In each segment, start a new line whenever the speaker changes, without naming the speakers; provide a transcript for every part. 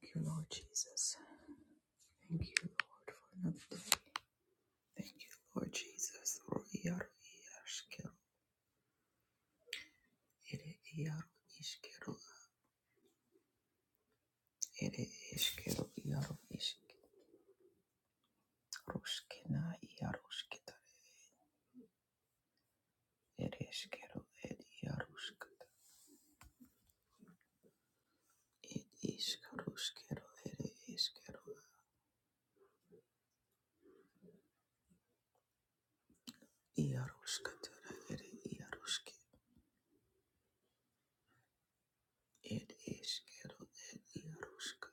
Thank you, Lord Jesus. Thank you, Lord, for another day. Thank you, Lord Jesus. Ro- iaro- iashkero- ere- iaro- ishkero- ere- ishkero- iaro- ishk- roshkena- iaroshketare- ere- ishkero- ed- iaroshketare- ed- ishkaroshkero- ere- ishkero- iaroshketare- ere- iaroshke- ed- ishkero- ed- iaroshk-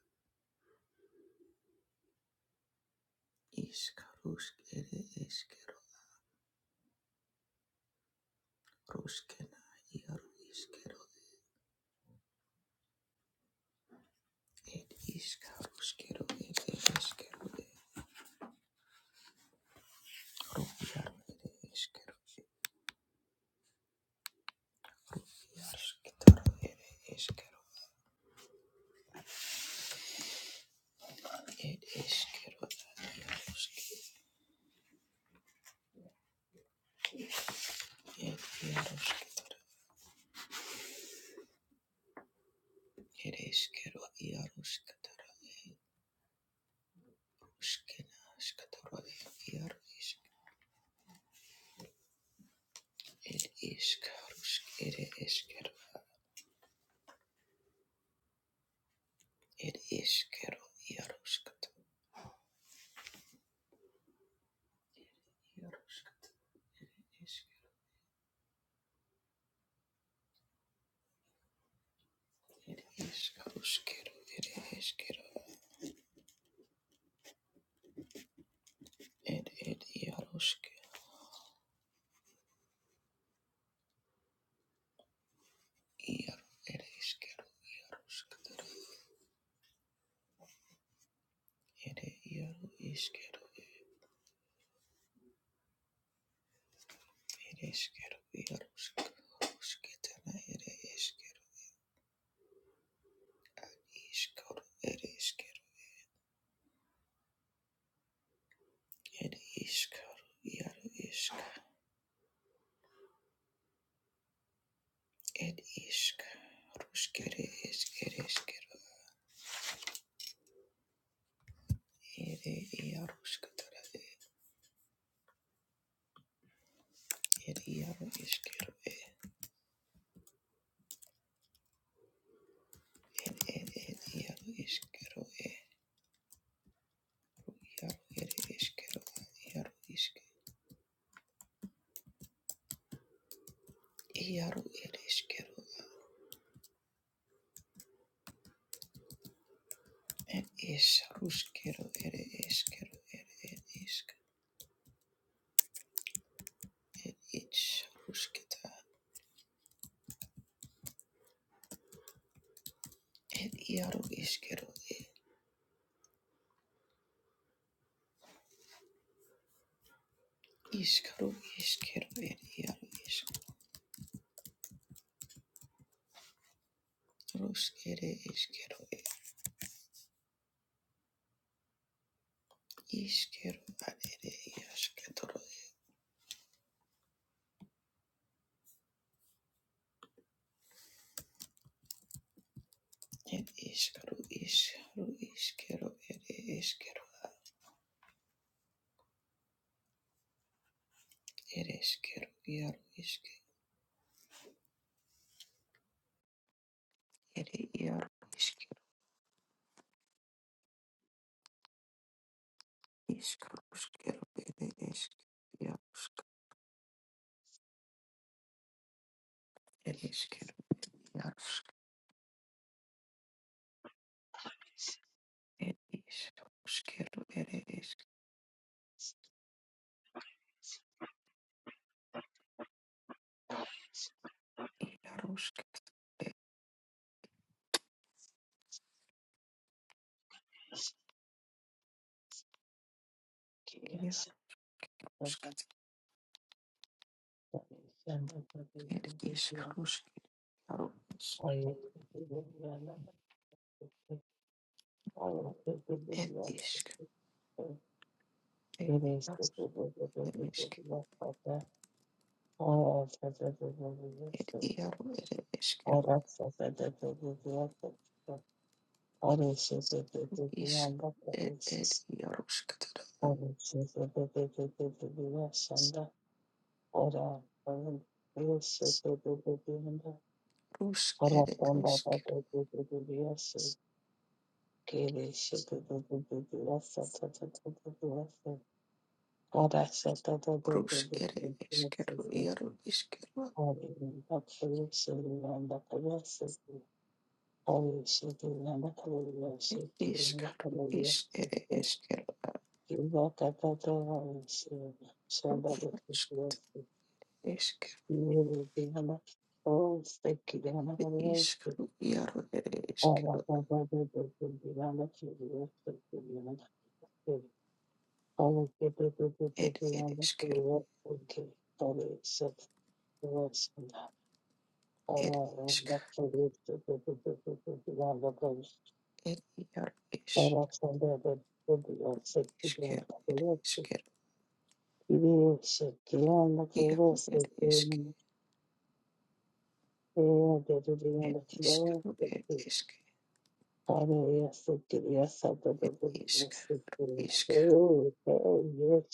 ishkaroshk- ere- ishkero- roshkena- iaroshkero- It is iskaro It is ed ed eskero ed ro iaro ed eskero iar skitaro ed eskero ed eskero iaro sk ed iaro sk ed Iero ere iskero ieruskatara ere ieru iskero ere iskero ieruskatara ere iskero Iskaro, ere iskero ere iskoro ieru iska ere iska ruskere iskere iskero ere ieruskatara ere ieru iskero ere ere ieru iskero ere ieru ere iskero ieru iske ieru ere iskero It is ruskero, it is kero, it is it is rusketa. It iaru is kero, it is kero, is kero, it iaru is rusk, it is kero, it is kero, and it is ketoro. It is kero, is ru is kero, it is kero, it is kero, iaru is it iaru is kero, is kero, it is kero, it is kero, kero, it is kero, It is Ruskero, it is Yarusk, it
Yes, that's
Yarusk,
the end of the
it is
video.
Rusk, Yarus,
I used to do the real and I used to do the
it
real
is
stuff.
it
it is the
Yarus,
real, the real,
it
the
is
real, the real, but the all of the real, the real
it
stuff.
Yaru, it is
all
Kero,
that's the real, the real, the real stuff. all is the
is
and that
it
is
is Yarusk,
all is the real, the real, the real, the real, and the all are Yes, the real, the real, the real,
Rus, it
Arapanda
is Kero,
padadadadadiyase, kereshetadadadadiyasa, tadadadadiyase,
Rus, it is Kero,
karashatadadadadadiyase,
Yaru is Kero,
harinakayeseriyandakayase, harishetiyandakayase,
it is Karu, is
kirindakayase,
it is Kero,
kirindakatatarise,
Ru Yarusk,
shandadadadiyase,
is Kero,
kirindiyanda- Oh, thank
is
you,
Karu, Yaru, it is
Thank
Kero, it is Kero. It is it yar is isker it isker yar it isk it isker it
you.
isk
Hallelujah, Sotiriya
it
Satababaya
isk
Sotiriya.
isk
Oh, oh, yes,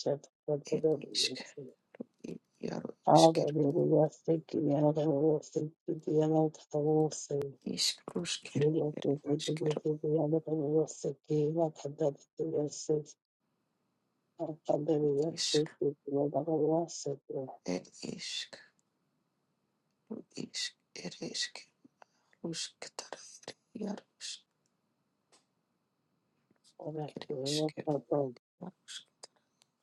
it
Satababaya
isk
Sotiriya.
it yar isker
Hallelujah, Sotiriya Satababaya Sotiriya Satababaya.
isk rusker
Jira
it
Satababaya
isker
Satababaya Satababaya Satababaya. Hallelujah,
isk
Sotiriya Satababaya Sotiriya.
it isk isk it isk rusktar it yar it
Ora Sotiriya
isker yar it isker
Satababaya
yar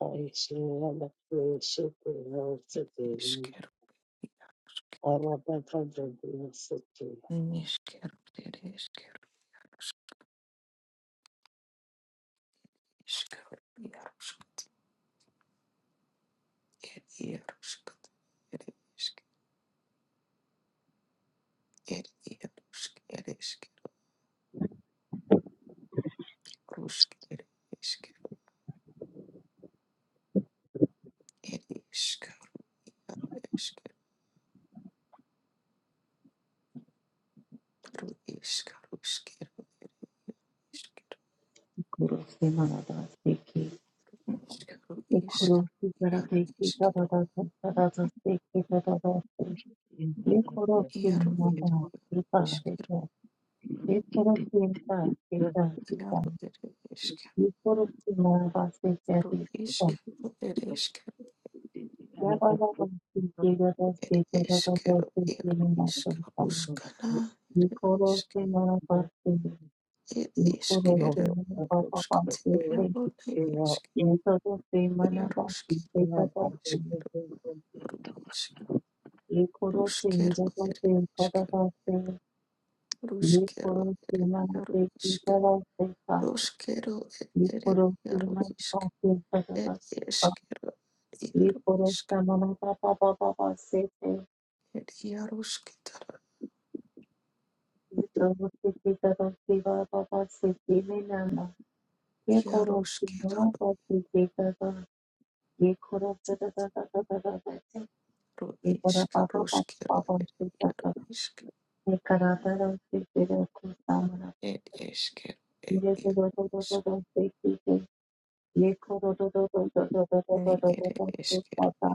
Sotiriya Satababaya Sotiriya. Ora Satababaya Sotiriya Satababaya
isker
Sotiriya.
it isker isker yar ir ieruškit, ir iškit, ir ierušk, ir iškit, rušk, ir iškit, ir iškaru, ir iškit, pru iškaru, iškit, iškit,
Kurosi manada seki.
iškaru,
E
iškit,
kurosi
ieru,
zarateki
iškit,
dadada dadada seki dadada seki. E kurosi
ieru, ir
manada kita
iškit,
deka. E kurosi manada kita kita.
ieru, ir iškit,
E kurosi manada
pru
seki kita.
iškaru, ir iškit,
Ya baba basi dadada
ir
seki dadada
iškaru,
seki
ieru,
manada kita.
iškaru, skana,
E
ir
kurosi
iškit,
manada seki.
ir
E
iškit,
kurosi manada baba
ruškat,
basi seki.
ieru, ir iškit,
E kurosi manada seki
ieruškit,
dadada seki.
Isk,
ये करो से
ruskero,
निरता
ere,
से
isk,
कदा से ये
ruskero,
करो से
ere,
मन
jaro,
से
isk,
सीधा से का
ruskero,
ये
ere,
करो से
jaro,
मन
isk,
का से
er,
कदा का
eskero,
ये
jaro,
करो
isk,
से मन का पापा पापा से से
er, jarusketara,
ये करो से की करो से पापा से की में ना ये करो से मन
jarusketara,
का से की कदा ये करो से कदा कदा कदा से
ru,
ये करो
isk,
पापा पापा
ruskero,
पापा
ere,
से कदा
jaro, isk,
ये कराता रहो से तेरे को सामना
er, eskero, er,
ये करो
jaro,
तो तो
isk,
तो से की ye koro do do do do do do do
ne,
do do do
ere,
do do
eskero,
da da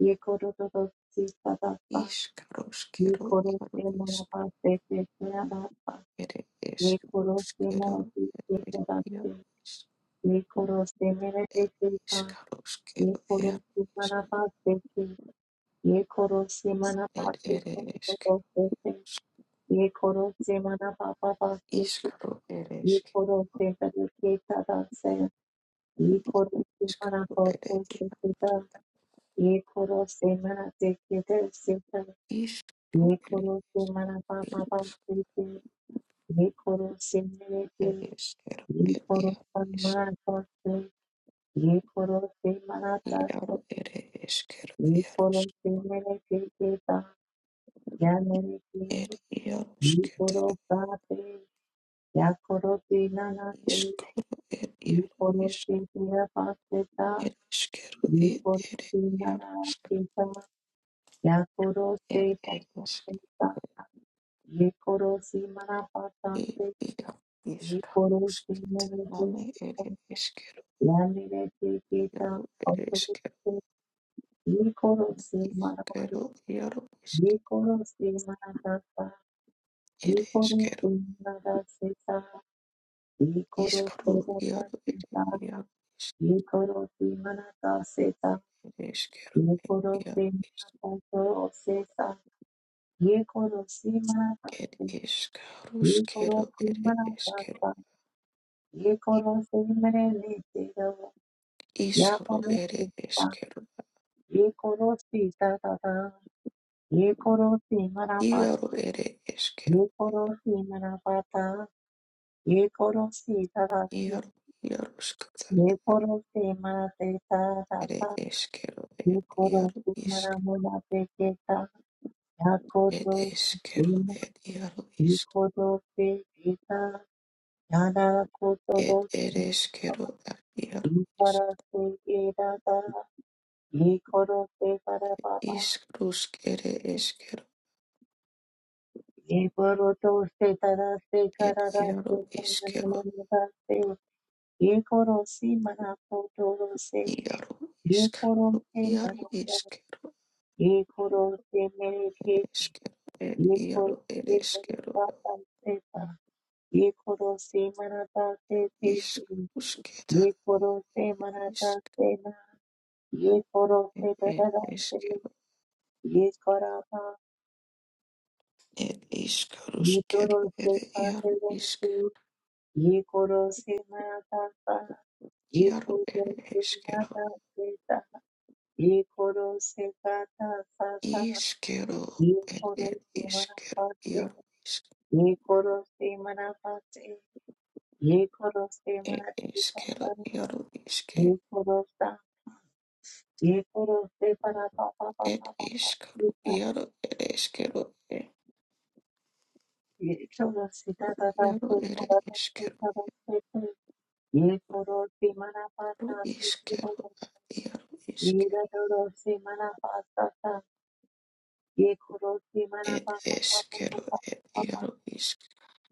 ye koro do do si da da da
isk,
ye
ruskero,
koro
jaro,
se ma
isk,
ba se se se da da da
ere,
ye
esk,
koro se
ruskero,
ma si se
ere,
se da se
jaro, isk,
ye koro se me re se se da
Iskaro
ye
skero
koro
ere
se ma na ba se se ye koro se ma na
ere
ba se se
ere
do
eske.
do se se ye koro se ma na ba ba ba se se
Iskaro ere
ye
eske.
koro se da da se da da se ye koro se ma na
Iskaro
ba
ere
se
ere.
se da ये करो से मना से किधर से कर
Iskaro
ये
ere
करो से
eske.
मना पापा पाप से से ये करो से मेरे से
Ere eskero
ये
ere
करो
ere
से
eske.
मना पाप से ये करो से मना ताप
Iaro
से
ere eskero
ये
iaro
करो
eske.
से मेरे से के ता या मेरे से
Ere iaro
ये करो
esketara.
सा से या करो से नाना से
Iskaro ere
ये
iaro
करो
eske.
से तेरा पास से ता
Ere eskero
ये
ere
करो
ere
से
iaro
नाना
eske.
से ता या करो से
Ere ere eske.
पाप ये करो सी मना पाता
Ere
से
iaro
ये
iskaro
करो सी
esketara.
मेरे
Name
दोस्त
ere eskero
या मेरे से केता
iaro
और
ere
तो
eske.
से ये करो सी मना से
Iskero iaro isk
ये करो सी मना दाता ये
ere
करो
iskero
सी मना दासेता ये करो
iskru
सी मना
iaro ere
सीता
iaro
ये करो सी मना दासेता
ere iskero
ये करो सी
iaro
मना
isk
दातो सेता ये करो सी मना
ere
दासे ये करो
iskruskero
सी
ere
मना
iskero
दाता ये करो से मेरे लेते रहो या
iskru
करो
ere
सीता
iskero
ये करो सीता दादा ये करो सी मरा पाता
iaro ere iskero
ये करो सी मरा पाता ये करो सीता दासी
iaro iaro skata
ये करो से मरा देता
ere
दाता
iskero
ये
ere
करो
iaro
सी
isk
मरा मोला देता या को तो
ere iskero ere iaro
ये
isk
करो से गीता याना को तो दो
ere ere iskero ere iaro
ये
isk
करो से ये दादा ये करो से मरा पाता
iskrusk ere iskero
ये करो तो उससे तरह से
ere
करारा
iaro
से
iskero
करना से ये करो सी मना को तोरो से
Iaro
ये करो
iskero,
से
iaro
मना कर
iskero,
ये करो से मेरे के
iskero, ed,
ये करो
iaro ed
से मेरे
eskero,
पापा से था ये करो से मनाता से थे
isk,
से
usketar,
ये करो से मनाता
isk,
से ना ये करो
ed,
से
ed
करारा से
eskero,
ये करापा
ed iskaro,
ये तोरो
skero, ed,
से
iaro isk,
पाते ये करो से माता का ये
iaro
करो
ed
से
eskero,
माता पिता ये करो से काता साता
iskero,
ये
ed,
करो
ed
से मना
iskero,
पाते
iaro isk,
ये करो से मना पाते ये करो से
ed
मना पिता
eskero,
पर
iaro iske,
ये करो सा ये करो से परा पापा
ed
पापा पापा
iskaro,
ये करो
iaro ed eskero, ed,
ये करो से दादा दादा
iaro ed
दादा
eskero,
दादा दादा, ये करो से मना पाता
iskero,
से
iaro isk.
ये रटोरो से मना पास्ता था ये खोरो से मना
Ed
पापा पापा
eskero, ed
पापा
iaro isk,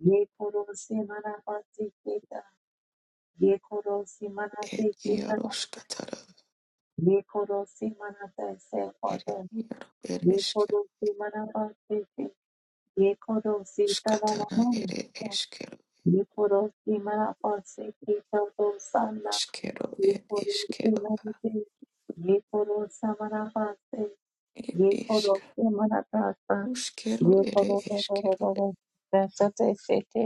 ये खोरो से मना पासी केता ये खोरो से मना से
ed
केता
iaro skatara,
ये खोरो से मना तैसे
ere
पाता
iaro, ed
ये
eskero,
खोरो से मना पासे के ये खोरो से तला
skatara,
मना
ere eskero,
ये खोरो से मना पासे केता तो साला
eskero,
ये
ed
खोरो से
iskero,
मना से ये खोरो से मना
ed
ये करो
isk,
से मना तासा
uskero,
ये
ere
करो तो करो
eskero,
करो रसते सेते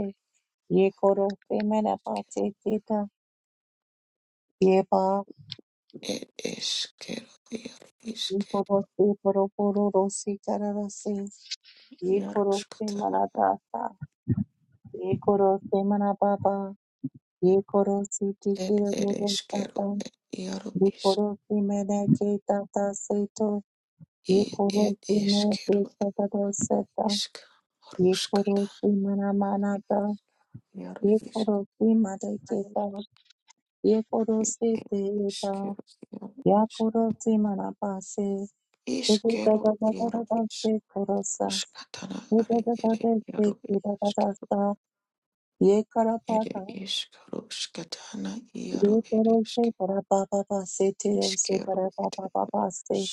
ये करो से मेरा पाचे सीता ये पा
ed eskero, iaro isk,
ये करो से परो परो रोसी कर रसे ये
iaro
करो से
skatara,
मना तासा ये करो से मना पापा ये करो सीटी की
ed
रो
ere
रो
eskero,
ताता
ed iaro
ये
isk,
करो से मेरा के ताता से तो ये
ed
करो
ed
से मेरे के
eskero,
ताता से ता
isk,
ये करो
ruskata,
से मना माना
iaro
ye
isk,
koro si madeketa, ye koro si
ed
teta,
eskero,
ya koro si manapase, te te da
Iskero
da da da da
iaro
da se korosa,
iskaruskatana
ye da
are
da da
ere
da se
iaro ere
kira da da
iskero
sa, ye
ere
karapata,
iskaruskatana iaro
ye
ere
koro
iske
se para pa pa pa se te o se
iskero
para pa
ere
pa pa pa se,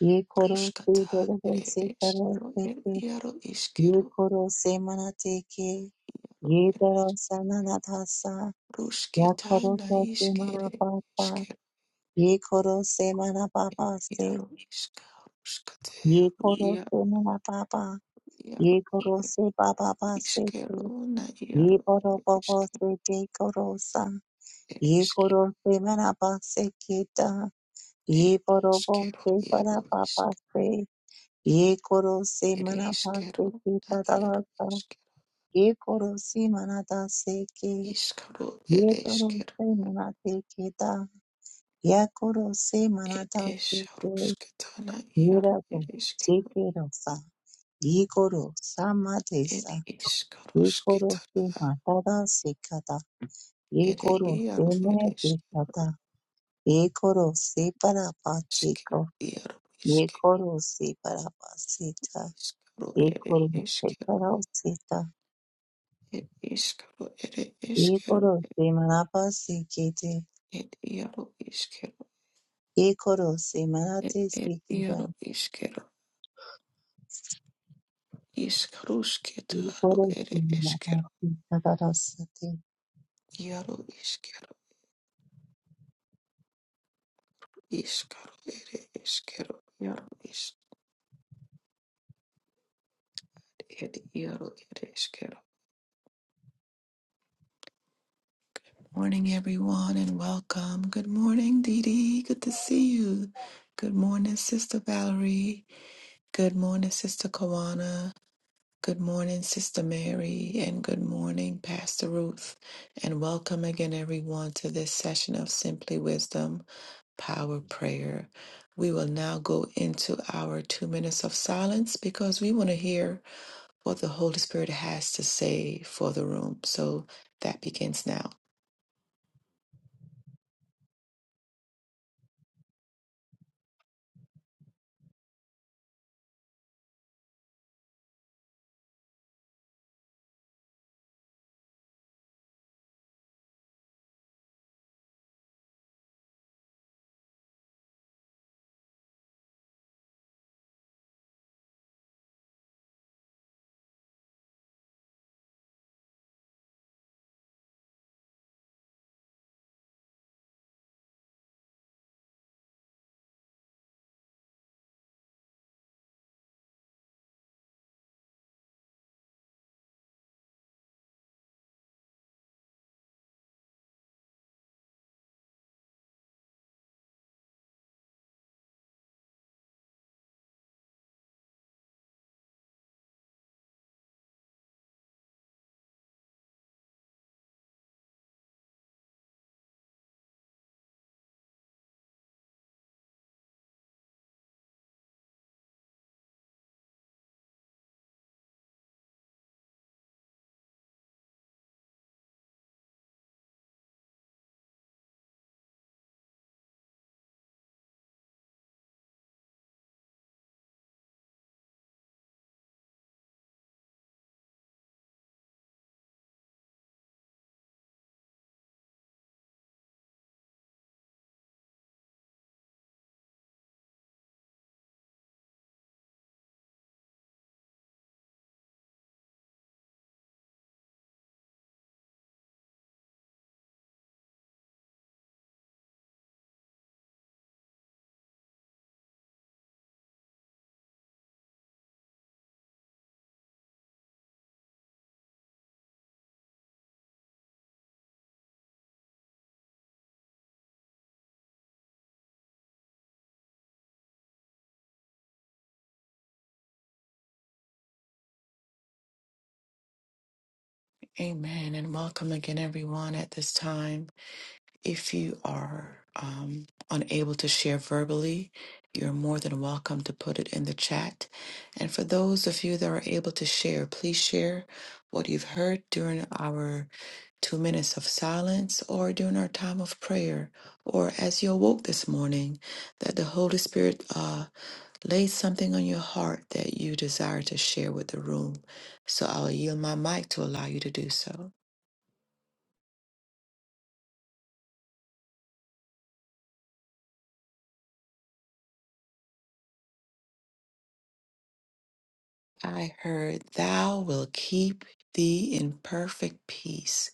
ye koro si
iskruskata
de de de
ere
se karo
iskero
se
ere
te,
iaro
ye
iskero
koro se manate ke, ye
ere
koro sa na na ta sa, ya koro
rusketana
sa se
iskere
manapasa,
iskero
ये करो से मना पापा से
iaro iskruskate
ये
iaro
करो से मना पापा
iaro
ये करो
ere
से पापा पा से ते
iskero na
ये
iaro
करो
ere
पापा
iskero
से ते करो सा
ere
ये
iskero
करो से मना पा से केता
ere
ये करो पो
iskero
से परा
iaro iskero
पापा से ये करो से
Ere
मना पा
eskero
से के
na
पता
iaro
सा
eskero.
ये करो से मना ता से के
Iskaro
ये
ere
करो
eskero.
से मना ते केता या करो से मना
Ed
ता से के,
eskarusketana iaro
Miracle,
ere eskero.
Sekerosa, Yegoro,
Ed
Samadesa, Yegoro, Se
iskarusketana
Matada, Sekata,
ere
Yegoro, Se
iaro ere
Medicata, Yegoro, Se
eskero.
Parapatiko,
Iaro eskero.
Yegoro, Se Parapasita,
Iskaro ere
Yegoro, Se
eskero.
Parasita,
Ed iskaro ere eskero.
Yegoro, Se Manapasikite,
Ed iaro eskero.
Yegoro, Se
Ed
Manate,
ed iaro
Sekita,
eskero. Iskarusketaro
Yegoro, Se
ere eskero.
Manapasita,
Iaro eskero. Iskaro ere iskero yaro is ed yaro ere iskero. Morning, everyone, and welcome. Good morning, Dee Dee. Good to see you. Good morning, Sister Valerie. Good morning, Sister Kawana. Good morning, Sister Mary, and good morning, Pastor Ruth. And welcome again, everyone, to this session of Simply Wisdom Power Prayer. We will now go into our two minutes of silence because we want to hear what the Holy Spirit has to say for the room. So that begins now. Amen. And welcome again, everyone, at this time. If you are um, unable to share verbally, you're more than welcome to put it in the chat. And for those of you that are able to share, please share what you've heard during our two minutes of silence or during our time of prayer or as you awoke this morning that the Holy Spirit. uh, Lay something on your heart that you desire to share with the room. So I'll yield my mic to allow you to do so. I heard, Thou will keep thee in perfect peace,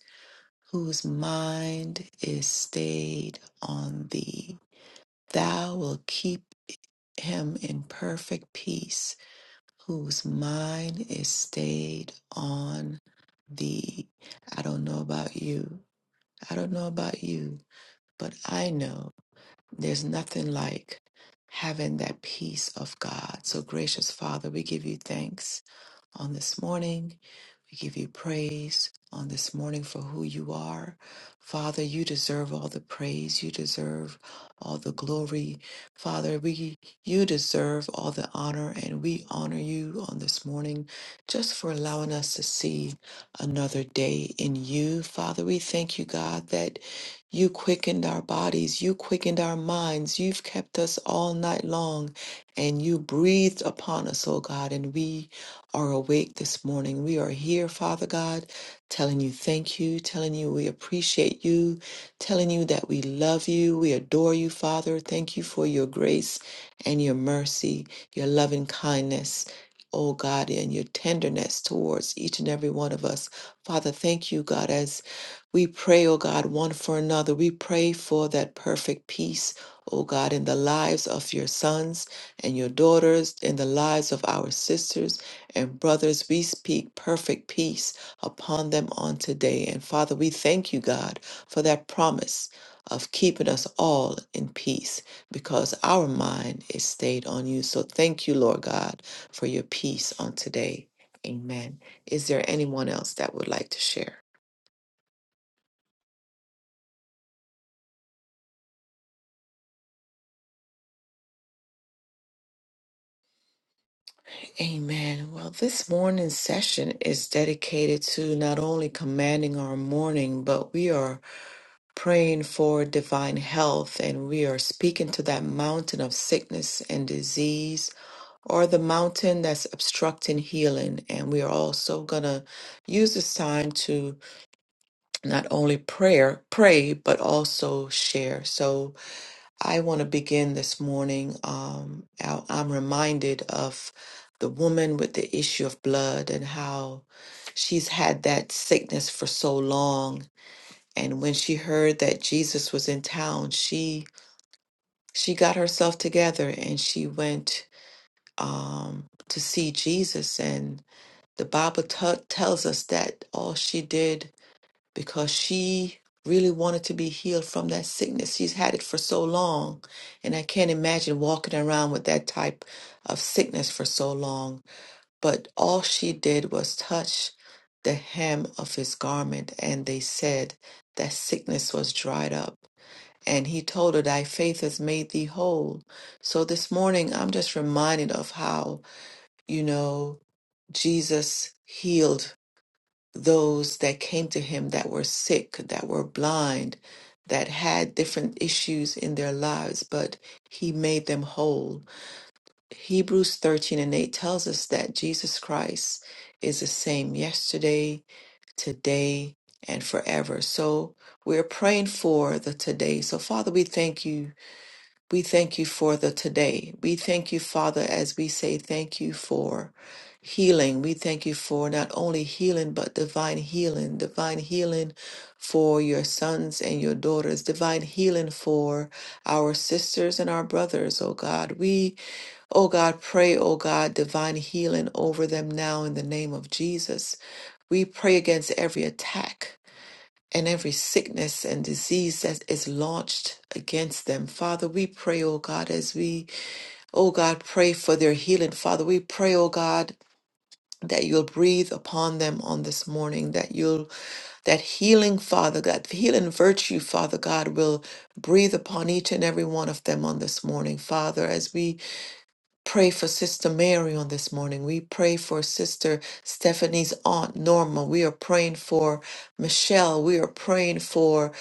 whose mind is stayed on thee. Thou will keep him in perfect peace, whose mind is stayed on thee. I don't know about you. I don't know about you, but I know. There's nothing like having that peace of God. So, gracious Father, we give you thanks on this morning. We give you praise on this morning for who you are. Father, you deserve all the praise. You deserve all the glory. Father, we you deserve all the honor and we honor you on this morning just for allowing us to see another day in you. Father, we thank you, God, that you quickened our bodies, you quickened our minds, you've kept us all night long, and you breathed upon us, oh God, and we are awake this morning. We are here, Father God, telling you thank you, telling you we appreciate you, telling you that we love you, we adore you, Father. Thank you for your grace and your mercy, your loving kindness. Oh God, and your tenderness towards each and every one of us. Father, thank you, God, as we pray, oh God, one for another. We pray for that perfect peace, oh God, in the lives of your sons and your daughters, in the lives of our sisters and brothers, we speak perfect peace upon them on today. And Father, we thank you, God, for that promise of keeping us all in peace because our mind is stayed on you. So thank you, Lord God, for your peace on today. Amen. Is there anyone else that would like to share? Amen. Well, this morning's session is dedicated to not only commanding our morning, but we are praying for divine health, and we are speaking to that mountain of sickness and disease or the mountain that's obstructing healing. And we are also going to use this time to not only prayer, pray, but also share. So I want to begin this morning. Um, I- I'm reminded of the woman with the issue of blood and how she's had that sickness for so long and when she heard that Jesus was in town, she she got herself together and she went um, to see Jesus. And the Bible t- tells us that all she did because she really wanted to be healed from that sickness. She's had it for so long, and I can't imagine walking around with that type of sickness for so long. But all she did was touch the hem of his garment, and they said that sickness was dried up. And he told her, Thy faith has made thee whole. So this morning, I'm just reminded of how, you know, Jesus healed those that came to him that were sick, that were blind, that had different issues in their lives, but he made them whole. Hebrews 13 and 8 tells us that Jesus Christ is the same yesterday, today, and forever. So we're praying for the today. So, Father, we thank you. We thank you for the today. We thank you, Father, as we say thank you for healing. We thank you for not only healing, but divine healing, divine healing for your sons and your daughters, divine healing for our sisters and our brothers, oh God. We, oh God, pray, oh God, divine healing over them now in the name of Jesus. We pray against every attack and every sickness and disease that is launched against them. Father, we pray, oh God, as we, oh God, pray for their healing. Father, we pray, oh God, that you'll breathe upon them on this morning, that you'll, that healing, Father, that healing virtue, Father God, will breathe upon each and every one of them on this morning. Father, as we pray for Sister Mary on this morning, we pray for Sister Stephanie's aunt Norma. We are praying for Michelle. We are praying for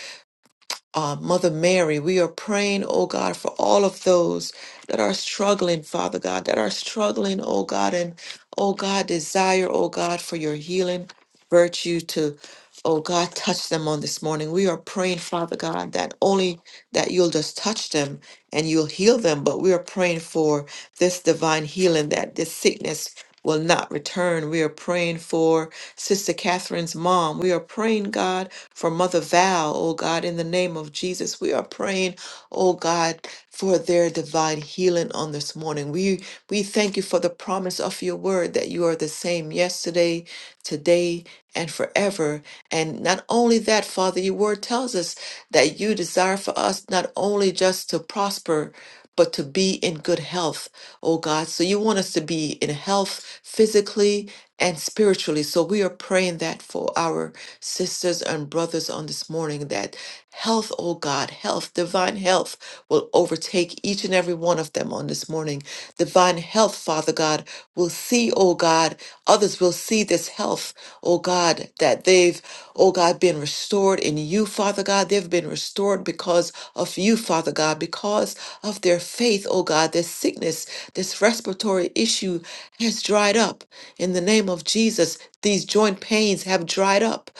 uh, Mother Mary. We are praying, oh God, for all of those that are struggling, Father God, that are struggling, oh God, and oh God, desire, oh God, for your healing virtue to, oh God, touch them on this morning. We are praying, Father God, that only that you'll just touch them and you'll heal them, but we are praying for this divine healing that this sickness will not return. We are praying for Sister Catherine's mom. We are praying, God for Mother Val, oh God, in the name of Jesus. We are praying, oh God, for their divine healing on this morning. We we thank you for the promise of your word that you are the same yesterday, today, and forever. And not only that, Father, your word tells us that you desire for us not only just to prosper, but to be in good health, oh God. So you want us to be in health physically, and spiritually. So we are praying that for our sisters and brothers on this morning that health, oh God, health, divine health will overtake each and every one of them on this morning. Divine health, Father God, will see, oh God, others will see this health, oh God, that they've, oh God, been restored in you, Father God. They've been restored because of you, Father God, because of their faith, oh God. This sickness, this respiratory issue has dried up. In the name of Jesus, these joint pains have dried up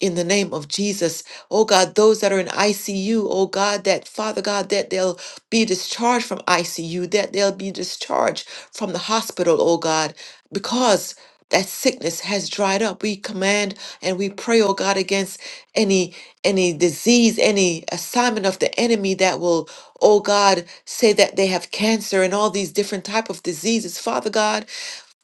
in the name of Jesus. Oh God, those that are in ICU, oh God, that Father God, that they'll be discharged from ICU, that they'll be discharged from the hospital, oh God, because that sickness has dried up. We command and we pray, oh God, against any any disease, any assignment of the enemy that will, oh God, say that they have cancer and all these different type of diseases. Father God,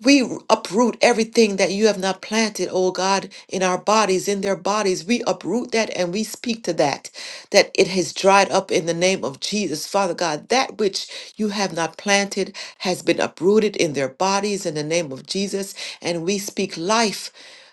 we uproot everything that you have not planted, oh God, in our bodies, in their bodies. We uproot that and we speak to that, that it has dried up in the name of Jesus. Father God, that which you have not planted has been uprooted in their bodies in the name of Jesus. And we speak life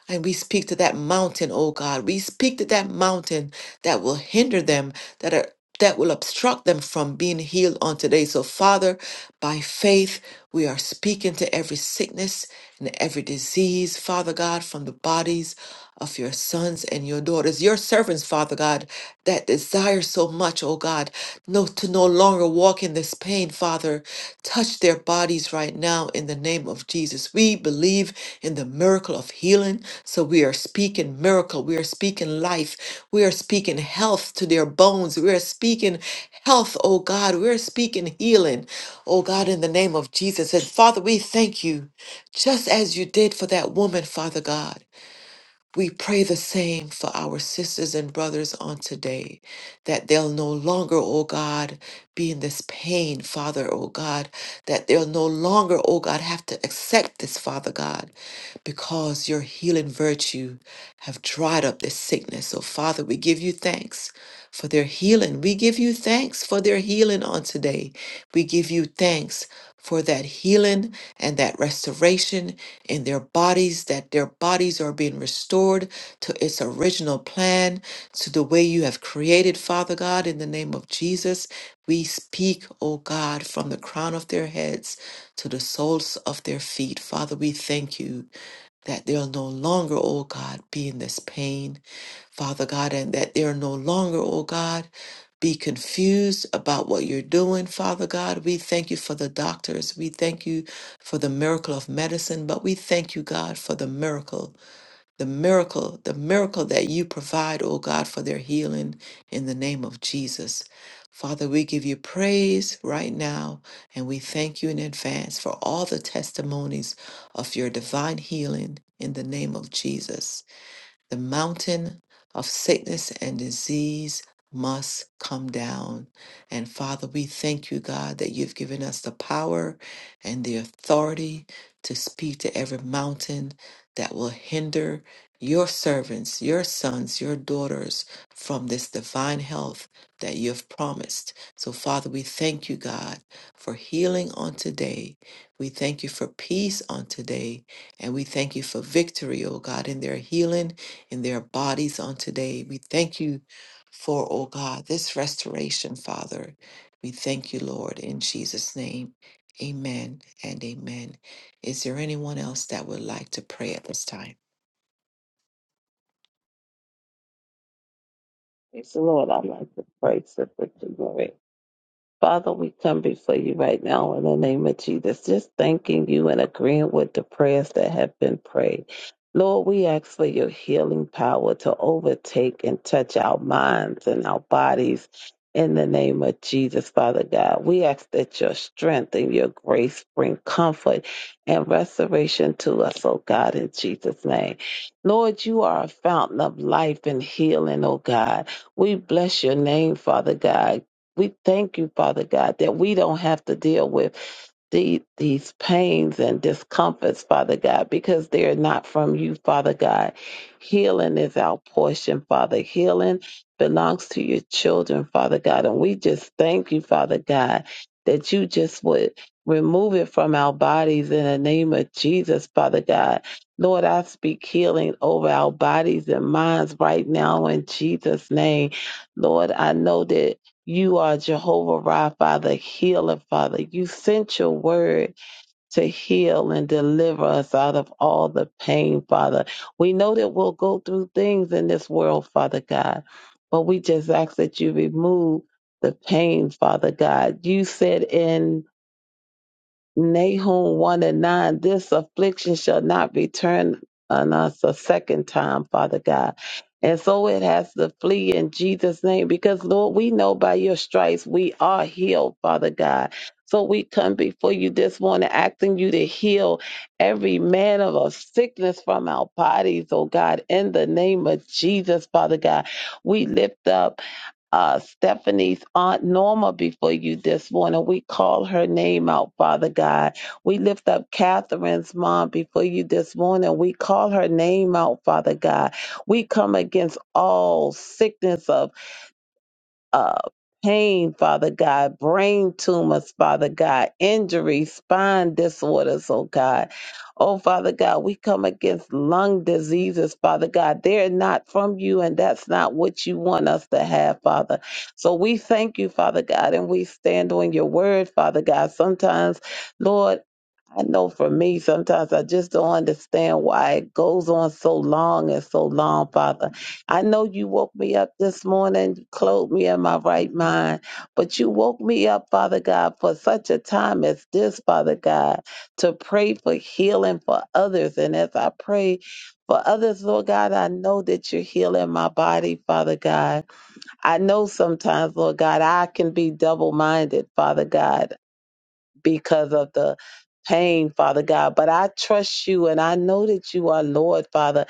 and we speak to that mountain, oh God. We speak to that mountain that will hinder them, that are that will obstruct them from being healed on today. So, Father, by faith, we are speaking to every sickness and every disease, Father God, from the bodies of your sons and your daughters, your servants, Father God, that desire so much, oh God, no, to no longer walk in this pain, Father. Touch their bodies right now in the name of Jesus. We believe in the miracle of healing, so we are speaking miracle. We are speaking life. We are speaking health to their bones. We are speaking health, oh God. We are speaking healing, oh God, in the name of Jesus. And Father, we thank you just as you did for that woman, Father God. We pray the same for our sisters and brothers on today, that they'll no longer, oh God, be in this pain, Father, oh God, that they'll no longer, oh God, have to accept this, Father God, because your healing virtue have dried up this sickness. So, Father, we give you thanks for their healing. We give you thanks for their healing on today. We give you thanks for that healing and that restoration in their bodies, that their bodies are being restored to its original plan, to the way you have created, Father God, in the name of Jesus. We speak, O God, from the crown of their heads to the soles of their feet. Father, we thank you that they'll no longer, O God, be in this pain Father God, and that they're no longer, oh God, be confused about what you're doing, Father God. We thank you for the doctors. We thank you for the miracle of medicine, but we thank you, God, for the miracle, the miracle, the miracle that you provide, oh God, for their healing in the name of Jesus. Father, we give you praise right now, and we thank you in advance for all the testimonies of your divine healing in the name of Jesus. The mountain of sickness and disease must come down. And Father, we thank you, God, that you've given us the power and the authority to speak to every mountain that will hinder your servants, your sons, your daughters from this divine health that you've promised. So, Father, we thank you, God, for healing on today. We thank you for peace on today. And we thank you for victory, oh God, in their healing in their bodies on today. We thank you for, oh God, this restoration, Father. We thank you, Lord, in Jesus' name. Amen and amen. Is there anyone else that would like to pray at this time?
It's Lord, I like to praise the victory. Father, we come before you right now in the name of Jesus, just thanking you and agreeing with the prayers that have been prayed. Lord, we ask for your healing power to overtake and touch our minds and our bodies in the name of Jesus, Father God. We ask that your strength and your grace bring comfort and restoration to us, oh God, in Jesus' name. Lord, you are a fountain of life and healing, oh God. We bless your name, Father God. We thank you, Father God, that we don't have to deal with the, these pains and discomforts, Father God, because they're not from you, Father God. Healing is our portion, Father. Healing belongs to your children, Father God. And we just thank you, Father God, that you just would remove it from our bodies in the name of Jesus, Father God. Lord, I speak healing over our bodies and minds right now in Jesus' name. Lord, I know that you are Jehovah Rapha, the healer, Father. You sent your word to heal and deliver us out of all the pain, Father. We know that we'll go through things in this world, Father God, but we just ask that you remove the pain, Father God. You said in Nahum 1 and 9, this affliction shall not return on us a second time, Father God. And so it has to flee in Jesus' name because, Lord, we know by your stripes we are healed, Father God. So we come before you this morning asking you to heal every man of a sickness from our bodies, oh God, in the name of Jesus, Father God. We lift up uh, Stephanie's aunt Norma before you this morning. We call her name out, Father God. We lift up Catherine's mom before you this morning. We call her name out, Father God. We come against all sickness of uh, pain, Father God, brain tumors, Father God, injuries, spine disorders, oh God. Oh, Father God, we come against lung diseases, Father God. They're not from you, and that's not what you want us to have, Father. So we thank you, Father God, and we stand on your word, Father God. Sometimes, Lord, I know for me, sometimes I just don't understand why it goes on so long and so long, Father. I know you woke me up this morning, clothed me in my right mind, but you woke me up, Father God, for such a time as this, Father God, to pray for healing for others. And as I pray, for others, Lord God, I know that you're healing my body, Father God. I know sometimes, Lord God, I can be double minded, Father God because of the pain, Father God. But I trust you and I know that you are Lord, Father.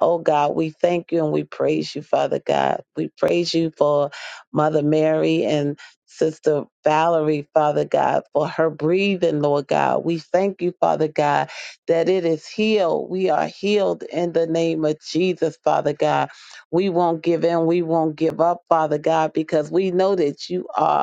Oh God, we thank you and we praise you, Father God. We praise you for Mother Mary and Sister Valerie, Father God, for her breathing, Lord God. We thank you, Father God, that it is healed. We are healed in the name of Jesus, Father God. We won't give in. We won't give up, Father God, because we know that you are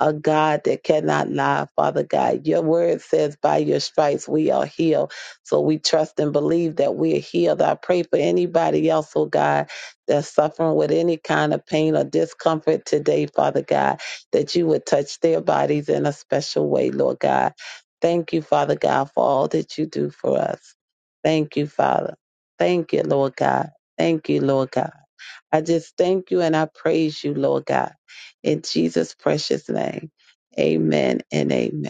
a God that cannot lie, Father God. Your word says, by your stripes we are healed. So we trust and believe that we are healed. I pray for anybody else, oh God, that's suffering with any kind of pain or discomfort today, Father God, that you would touch their bodies in a special way, Lord God. Thank you, Father God, for all that you do for us. Thank you, Father. Thank you, Lord God. Thank you, Lord God. I just thank you and I praise you, Lord God. In Jesus' precious name, amen and amen.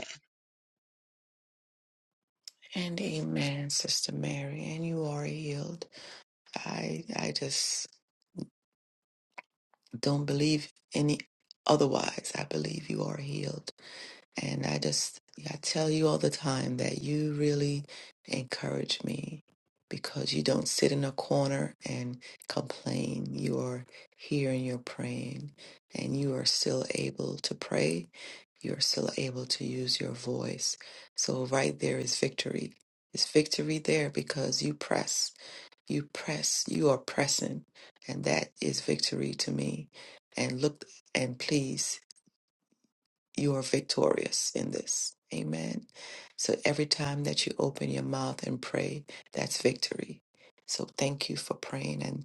And amen, Sister Mary, and you are healed. I I just don't believe any otherwise. I believe you are healed. And I just, yeah, I tell you all the time that you really encourage me because you don't sit in a corner and complain. You are here and you're praying, and you are still able to pray. You're still able to use your voice. So, right there is victory. It's victory there because you press. You press. You are pressing. And that is victory to me. And look and please you are victorious in this. Amen. So every time that you open your mouth and pray, that's victory. So thank you for praying and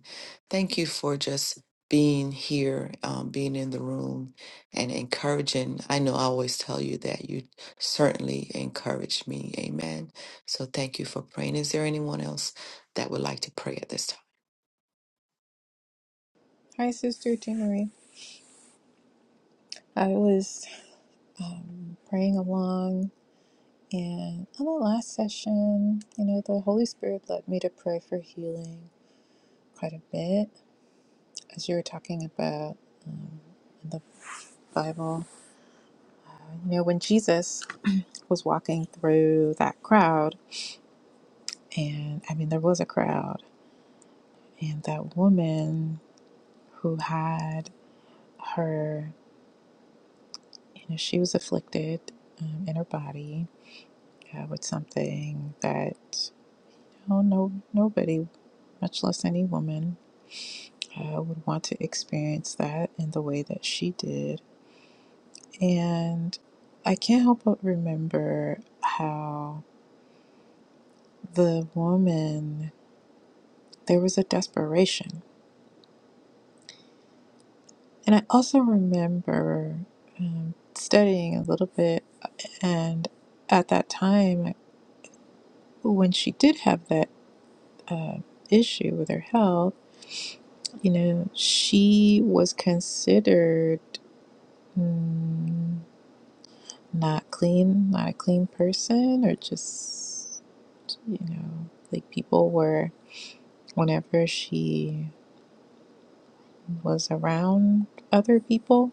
thank you for just being here, um, being in the room and encouraging. I know I always tell you that you certainly encourage me. Amen. So thank you for praying. Is there anyone else that would like to pray at this time?
Hi, Sister jean I was praying along, and on the last session, you know, the Holy Spirit led me to pray for healing quite a bit as you were talking about in the Bible. You know, when Jesus was walking through that crowd, and I mean, there was a crowd, and that woman who had her, you know, she was afflicted um, in her body uh, with something that. Oh, no, nobody, much less any woman, uh, would want to experience that in the way that she did. And I can't help but remember how the woman, there was a desperation. And I also remember um, studying a little bit, and at that time, when she did have that uh, issue with her health, you know, she was considered. mm, not clean, not a clean person, or just, you know, like people were, whenever she was around other people,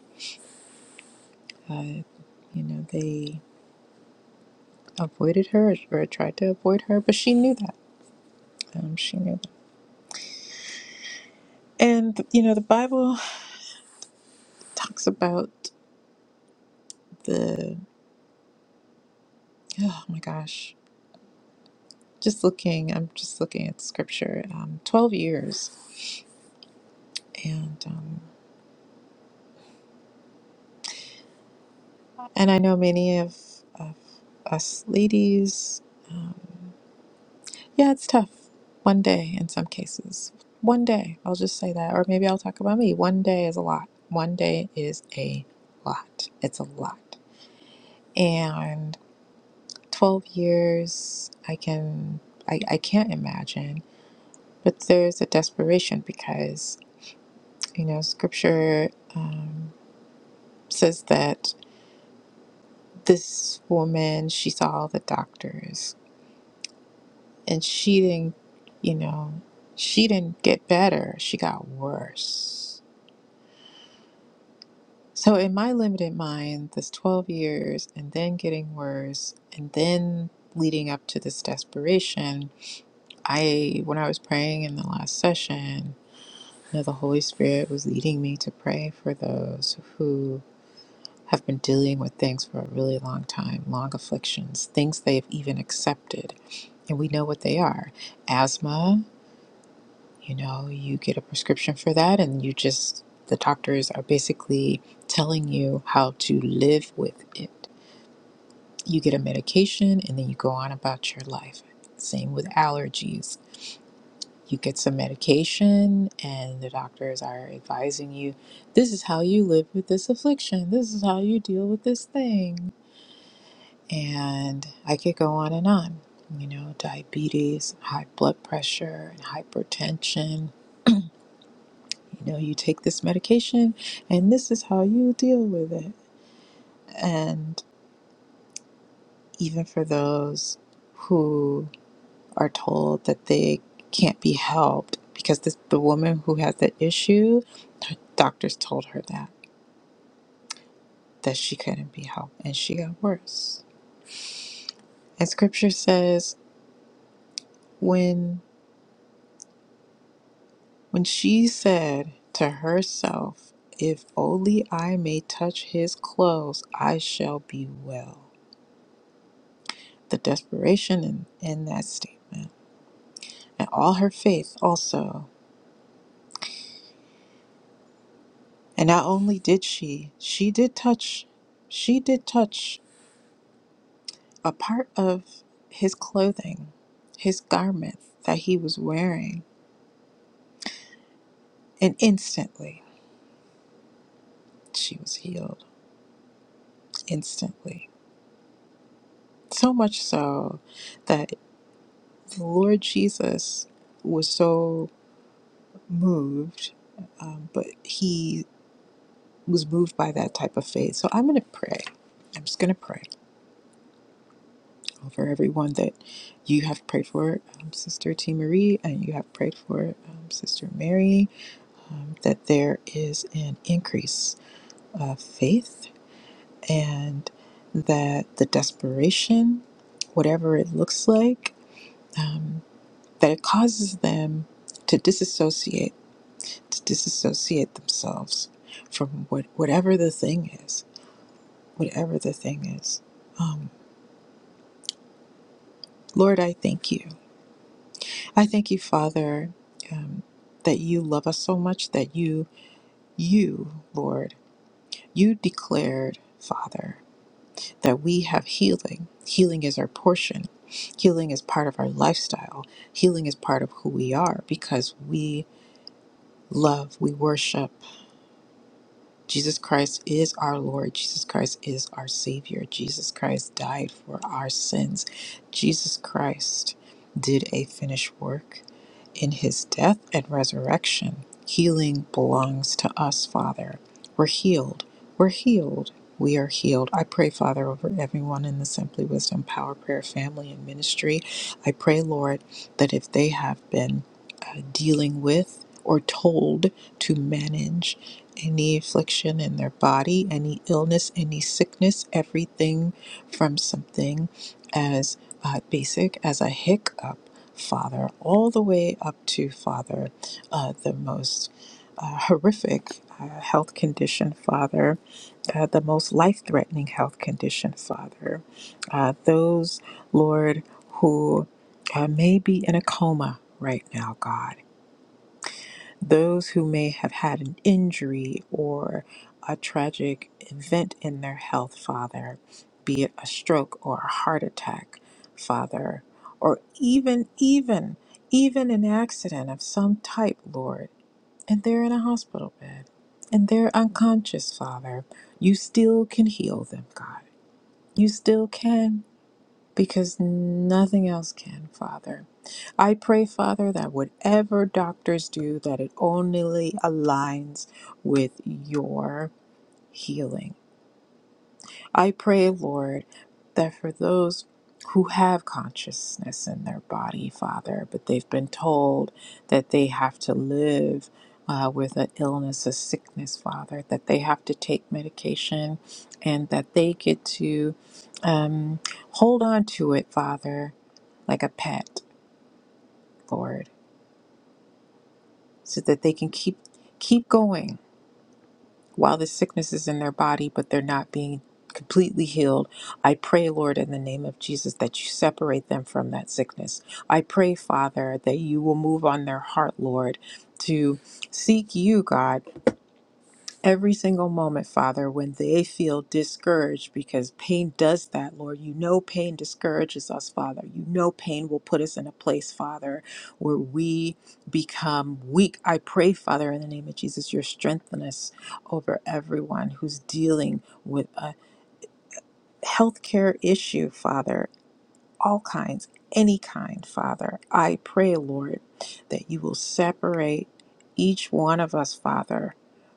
uh, you know, they avoided her or, tried to avoid her, but she knew that. Um, she knew that. And, you know, the Bible talks about the, oh my gosh, just looking, I'm just looking at scripture, um, 12 years. And, um, And I know many of, of us ladies, um, yeah, it's tough. One day in some cases. One day, I'll just say that. Or maybe I'll talk about me. One day is a lot. One day is a lot. It's a lot. And 12 years, I can, I, I can't imagine. But there's a desperation because, you know, scripture um, says that this woman, she saw all the doctors and she didn't you know she didn't get better she got worse so in my limited mind this 12 years and then getting worse and then leading up to this desperation i when i was praying in the last session you know, the holy spirit was leading me to pray for those who have been dealing with things for a really long time long afflictions things they've even accepted and we know what they are asthma you know you get a prescription for that and you just the doctors are basically telling you how to live with it you get a medication and then you go on about your life same with allergies you get some medication and the doctors are advising you this is how you live with this affliction this is how you deal with this thing and i could go on and on you know diabetes high blood pressure and hypertension you know, you take this medication and this is how you deal with it. And even for those who are told that they can't be helped because this the woman who has that issue, her doctors told her that that she couldn't be helped and she got worse. And scripture says when when she said to herself, if only I may touch his clothes, I shall be well the desperation in, in that statement. and all her faith also. And not only did she, she did touch, she did touch a part of his clothing, his garment that he was wearing, and instantly she was healed. Instantly. So much so that the Lord Jesus was so moved, um, but he was moved by that type of faith. So I'm going to pray. I'm just going to pray. for everyone that you have prayed for, um, Sister T. Marie, and you have prayed for um, Sister Mary, um, that there is an increase of faith and that the desperation, whatever it looks like, um, that it causes them to disassociate, to disassociate themselves from what, whatever the thing is, whatever the thing is. Um, Lord, I thank you. I thank you, Father, um, that you love us so much that you, you, Lord, you declared, Father, that we have healing. Healing is our portion. Healing is part of our lifestyle. Healing is part of who we are because we love, we worship. Jesus Christ is our Lord. Jesus Christ is our Savior. Jesus Christ died for our sins. Jesus Christ did a finished work. in his death and resurrection. Healing belongs to us, Father. We're healed. We're healed. We are healed. I pray, Father, over everyone in the Simply Wisdom Power Prayer family and ministry. I pray, Lord, that if they have been uh, dealing with or told to manage any affliction in their body, any illness, any sickness, everything from something as uh, basic as a hiccup, Father, all the way up to Father, uh, the most uh, horrific uh, health condition, Father, uh, the most life threatening health condition, Father. Uh, those, Lord, who uh, may be in a coma right now, God those who may have had an injury or a tragic event in their health, Father, be it a stroke or a heart attack, Father, or even, even, even an accident of some type, Lord, and they're in a hospital bed and they're unconscious, Father, you still can heal them, God. You still can because nothing else can, Father. I pray, Father, that whatever doctors do, that it only aligns with your healing. I pray, Lord, that for those who have consciousness in their body, Father, but they've been told that they have to live uh, with an illness, a sickness, Father, that they have to take medication and that they get to um, hold on to it, Father, like a pet, Lord, so that they can keep keep going while the sickness is in their body, but they're not being completely healed. I pray, Lord, in the name of Jesus, that you separate them from that sickness. I pray, Father, that you will move on their heart, Lord, to seek you, God every single moment, Father, when they feel discouraged, because pain does that, Lord. You know pain discourages us, Father. You know pain will put us in a place, Father, where we become weak. I pray, Father, in the name of Jesus, your strengthen us over everyone who's dealing with a healthcare issue, Father all kinds, any kind, Father. I pray, Lord, that you will separate each one of us, Father,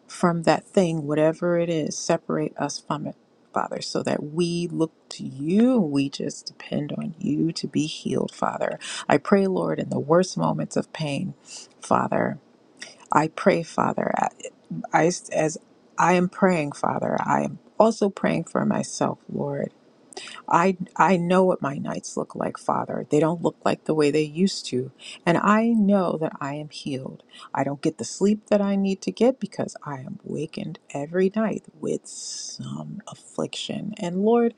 from that thing, whatever it is, separate us from it, Father, so that we look to you. We just depend on you to be healed, Father. I pray, Lord, in the worst moments of pain, Father. I pray, Father, I, as I am praying, Father, I am also praying for myself, Lord. I I know what my nights look like, Father. They don't look like the way they used to, and I know that I am healed. I don't get the sleep that I need to get because I am wakened every night with some affliction. And Lord,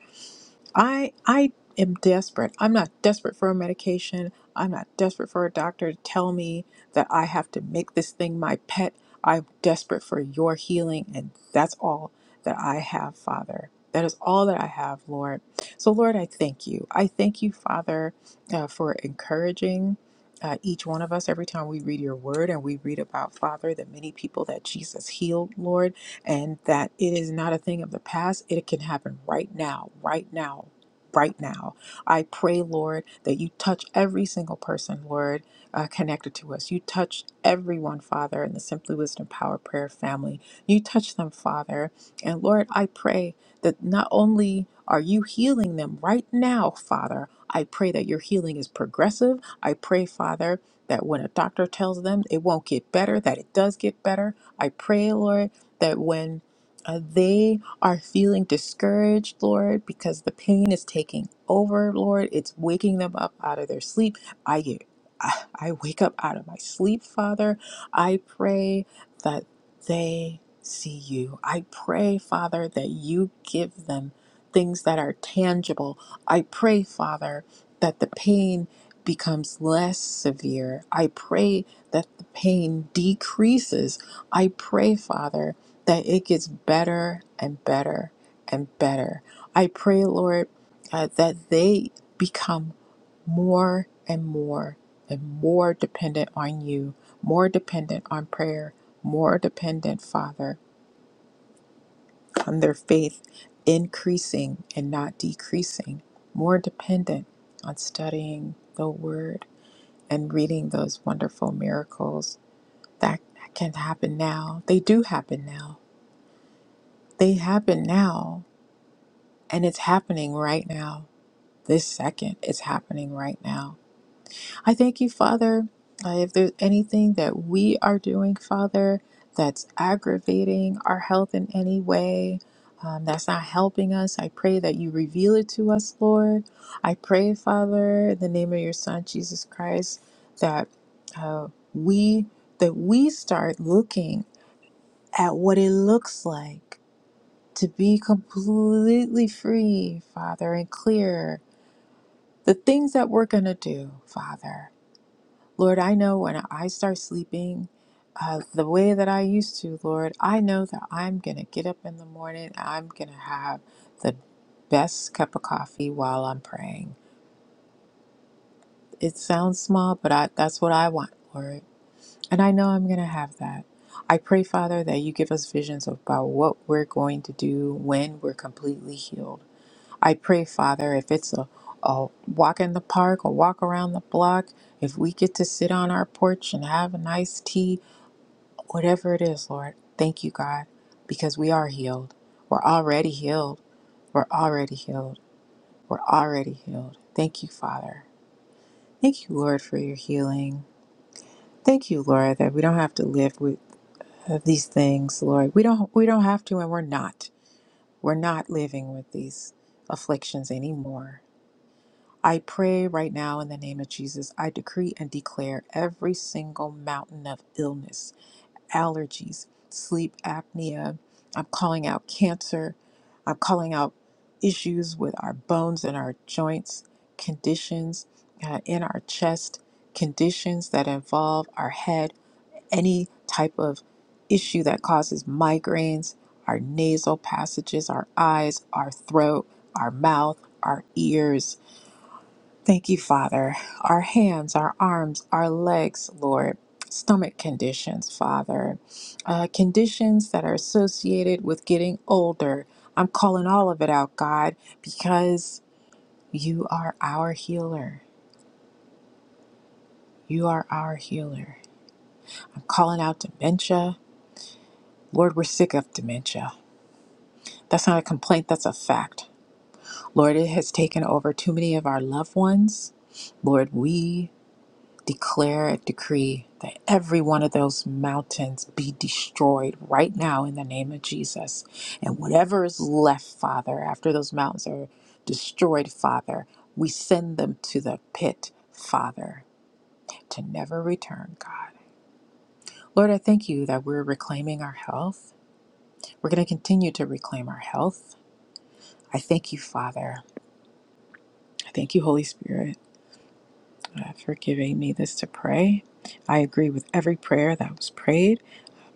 I I am desperate. I'm not desperate for a medication. I'm not desperate for a doctor to tell me that I have to make this thing my pet. I'm desperate for your healing and that's all that I have, Father. That is all that I have, Lord. So, Lord, I thank you. I thank you, Father, uh, for encouraging uh, each one of us every time we read your word and we read about, Father, the many people that Jesus healed, Lord and that it is not a thing of the past. It can happen right now, right now, right now. I pray, Lord, that you touch every single person, Lord, uh, connected to us. You touch everyone, Father, in the Simply Wisdom Power Prayer family. You touch them, Father. And Lord, I pray that not only are you healing them right now, Father, I pray that your healing is progressive. I pray, Father, that when a doctor tells them it won't get better, that it does get better. I pray, Lord, that when uh, they are feeling discouraged, Lord, because the pain is taking over, Lord, it's waking them up out of their sleep. I get, I I wake up out of my sleep, Father. I pray that they see you. I pray, Father, that you give them things that are tangible. I pray, Father, that the pain becomes less severe. I pray that the pain decreases. I pray, Father, that it gets better and better and better. I pray, Lord, uh, that they become more and more and more dependent on you, more dependent on prayer, more dependent, Father, on their faith increasing and not decreasing, more dependent on studying the word and reading those wonderful miracles that can happen now. They do happen now. They happen now And it's happening right now. This second, it's happening right now. I thank you, Father. Uh, if there's anything that we are doing, Father, that's aggravating our health in any way, um, that's not helping us, I pray that you reveal it to us, Lord. I pray, Father, in the name of your Son, Jesus Christ, that uh, we that we start looking at what it looks like to be completely free, Father, and clear the things that we're going to do, Father. Lord, I know when I start sleeping uh, the way that I used to, Lord, I know that I'm going to get up in the morning. I'm going to have the best cup of coffee while I'm praying. It sounds small, but I, that's what I want, Lord. And I know I'm going to have that. I pray, Father, that you give us visions about what we're going to do when we're completely healed I pray, Father, if it's a, a walk in the park, a walk around the block, if we get to sit on our porch and have a nice tea, whatever it is, Lord, thank you, God, because we are healed. We're already healed. We're already healed. We're already healed. Thank you, Father. Thank you, Lord, for your healing. Thank you, Lord, that we don't have to live with these things, Lord. We don't we don't have to and we're not. We're not living with these afflictions anymore. I pray right now in the name of Jesus, I decree and declare every single mountain of illness, allergies, sleep apnea. I'm calling out cancer. I'm calling out issues with our bones and our joints, conditions uh, in our chest, conditions that involve our head, any type of issue that causes migraines, our nasal passages, our eyes, our throat, our mouth, our ears Thank you, Father. Our hands, our arms, our legs, Lord. Stomach conditions, Father. Uh, conditions that are associated with getting older. I'm calling all of it out, God, because you are our healer. You are our healer. I'm calling out dementia. Lord, we're sick of dementia. That's not a complaint, that's a fact. Lord, it has taken over too many of our loved ones. Lord, we declare a decree that every one of those mountains be destroyed right now in the name of Jesus. And whatever is left, Father, after those mountains are destroyed, Father, we send them to the pit, Father, to never return, God. Lord, I thank you that we're reclaiming our health. We're going to continue to reclaim our health. I thank you, Father. I thank you, Holy Spirit, uh, for giving me this to pray. I agree with every prayer that was prayed.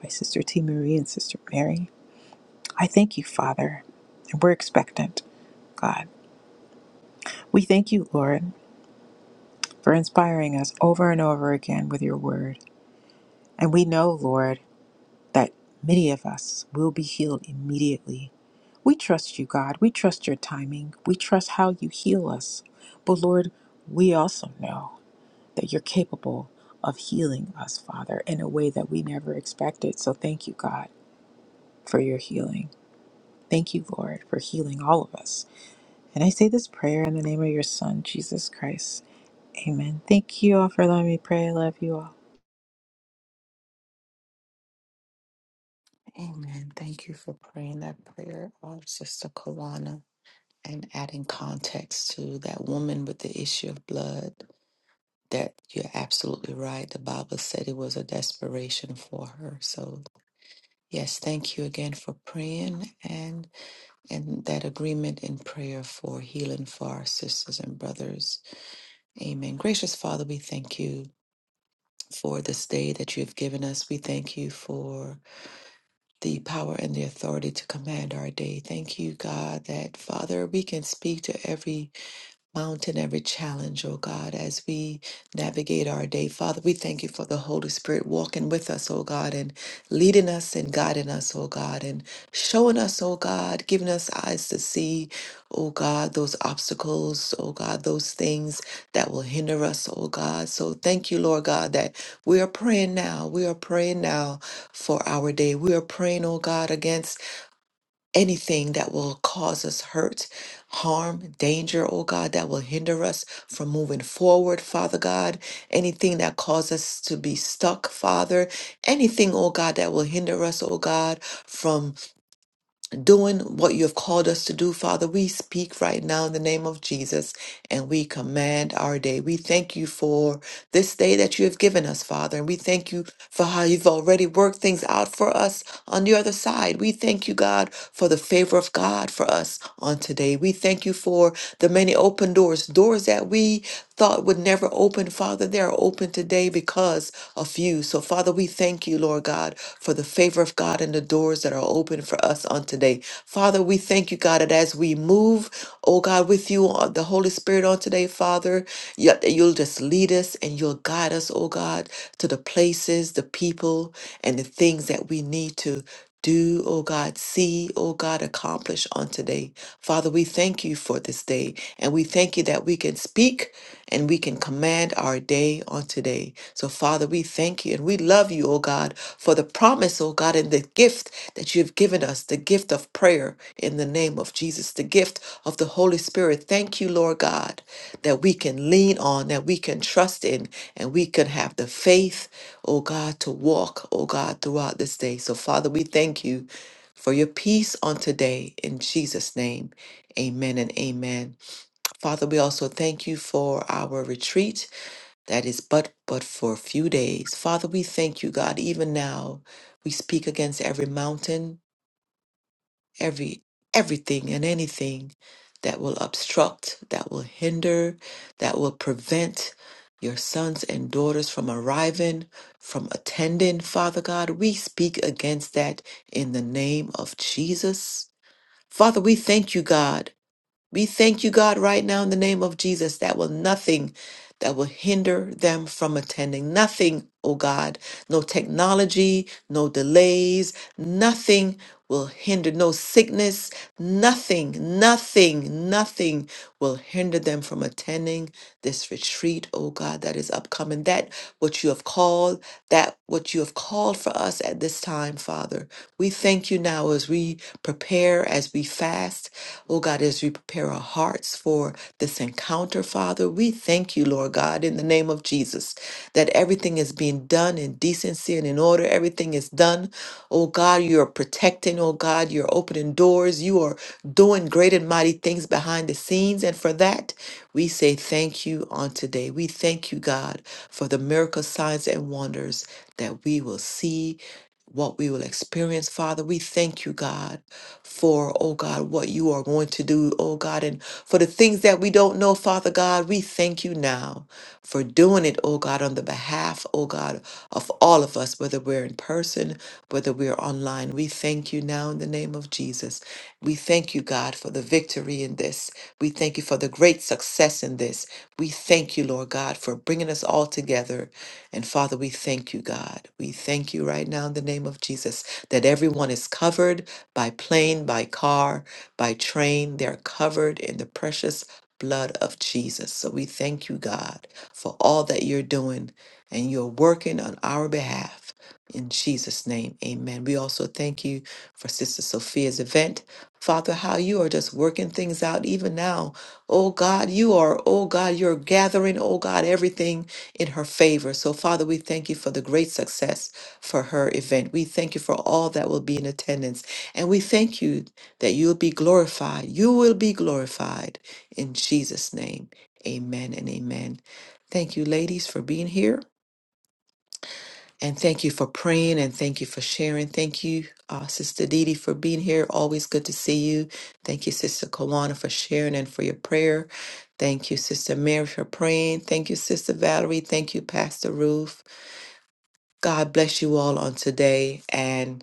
my sister T. Marie and sister Mary. I thank you, Father, and we're expectant, God. We thank you, Lord, for inspiring us over and over again with your word. And we know, Lord, that many of us will be healed immediately. We trust you, God. We trust your timing. We trust how you heal us. But Lord, we also know that you're capable of healing us, Father, in a way that we never expected. So thank you, God, for your healing. Thank you, Lord, for healing all of us. And I say this prayer in the name of your Son, Jesus Christ. Amen. Thank you all for letting me pray. I love you all.
Amen. Thank you for praying that prayer, uh, Sister Kawana. and adding context to that woman with the issue of blood that you're absolutely right the bible said it was a desperation for her so yes thank you again for praying and and that agreement in prayer for healing for our sisters and brothers amen gracious father we thank you for this day that you have given us we thank you for the power and the authority to command our day thank you god that father we can speak to every mountain, every challenge, oh God, as we navigate our day. Father, we thank you for the Holy Spirit walking with us, oh God, and leading us and guiding us, oh God, and showing us, oh God, giving us eyes to see, oh God, those obstacles, oh God, those things that will hinder us, oh God. So thank you, Lord God, that we are praying now. We are praying now for our day. We are praying, oh God, against anything that will cause us hurt, harm, danger, oh God, that will hinder us from moving forward, Father God, anything that causes us to be stuck, Father, anything, oh God, that will hinder us, oh God, from doing what you have called us to do, Father, we speak right now in the name of Jesus and we command our day. We thank you for this day that you have given us, Father, and we thank you for how you've already worked things out for us on the other side. We thank you, God, for the favor of God for us on today. We thank you for the many open doors, doors that we thought would never open, Father. They are open today because of you. So, Father, we thank you, Lord God, for the favor of God and the doors that are open for us on today. Father, we thank you, God, that as we move, oh God, with you, on the Holy Spirit on today, Father, yet that you'll just lead us and you'll guide us, oh God, to the places, the people and the things that we need to do, oh God, see, oh God, accomplish on today. Father, we thank you for this day, and we thank you that we can speak and we can command our day on today. So, Father, we thank you and we love you, oh God, for the promise, oh God, and the gift that you have given us the gift of prayer in the name of Jesus, the gift of the Holy Spirit. Thank you, Lord God, that we can lean on, that we can trust in, and we can have the faith oh God, to walk, oh God, throughout this day. So, Father, we thank you for your peace on today. In Jesus' name, amen and amen. Father, we also thank you for our retreat that is but but for a few days. Father, we thank you, God, even now. We speak against every mountain every everything and anything that will obstruct, that will hinder, that will prevent your sons and daughters from arriving, from attending, Father God, we speak against that in the name of Jesus. Father, we thank you, God, we thank you, God, right now in the name of Jesus, that will nothing that will hinder them from attending. Nothing, oh God, no technology, no delays, nothing will hinder, no sickness, nothing, nothing, nothing will hinder them from attending this retreat, oh God, that is upcoming. That what you have called, that what you have called for us at this time, Father. We thank you now as we prepare, as we fast Oh God, as we prepare our hearts for this encounter, Father, we thank you, Lord God, in the name of Jesus, that everything is being done in decency and in order. Everything is done. Oh God, you are protecting. Oh God, you're opening doors. You are doing great and mighty things behind the scenes. And for that, we say thank you on today. We thank you, God, for the miracle signs and wonders that we will see, what we will experience, Father. We thank you, God for, oh God, what you are going to do, oh God, and for the things that we don't know, Father God, we thank you now for doing it, oh God, on the behalf, oh God, of all of us, whether we're in person, whether we're online. We thank you now in the name of Jesus. We thank you, God, for the victory in this. We thank you for the great success in this. We thank you, Lord God, for bringing us all together. And Father, we thank you, God. We thank you right now in the name of Jesus that everyone is covered by plane, by car, by train. They're covered in the precious blood of Jesus. So we thank you, God, for all that you're doing and you're working on our behalf. In Jesus' name, amen. We also thank you for Sister Sophia's event. Father, how you are just working things out even now. Oh God, you are, oh God, you're gathering, oh God, everything in her favor. So, Father, we thank you for the great success for her event. We thank you for all that will be in attendance. And we thank you that you'll be glorified. You will be glorified in Jesus' name. Amen and amen. Thank you, ladies, for being here. And thank you for praying and thank you for sharing. Thank you, uh, Sister Didi, for being here. Always good to see you. Thank you, Sister Kawana, for sharing and for your prayer. Thank you, Sister Mary, for praying. Thank you, Sister Valerie. Thank you, Pastor Ruth. God bless you all on today. and.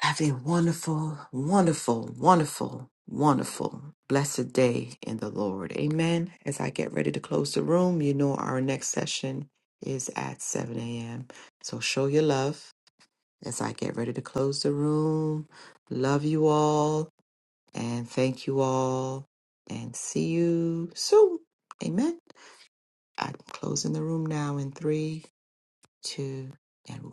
Have a wonderful, wonderful, wonderful, wonderful, blessed day in the Lord. Amen. As I get ready to close the room, you know our next session is at 7 a.m. So show your love as I get ready to close the room. Love you all and thank you all and see you soon. Amen. I'm closing the room now in three, two, and one.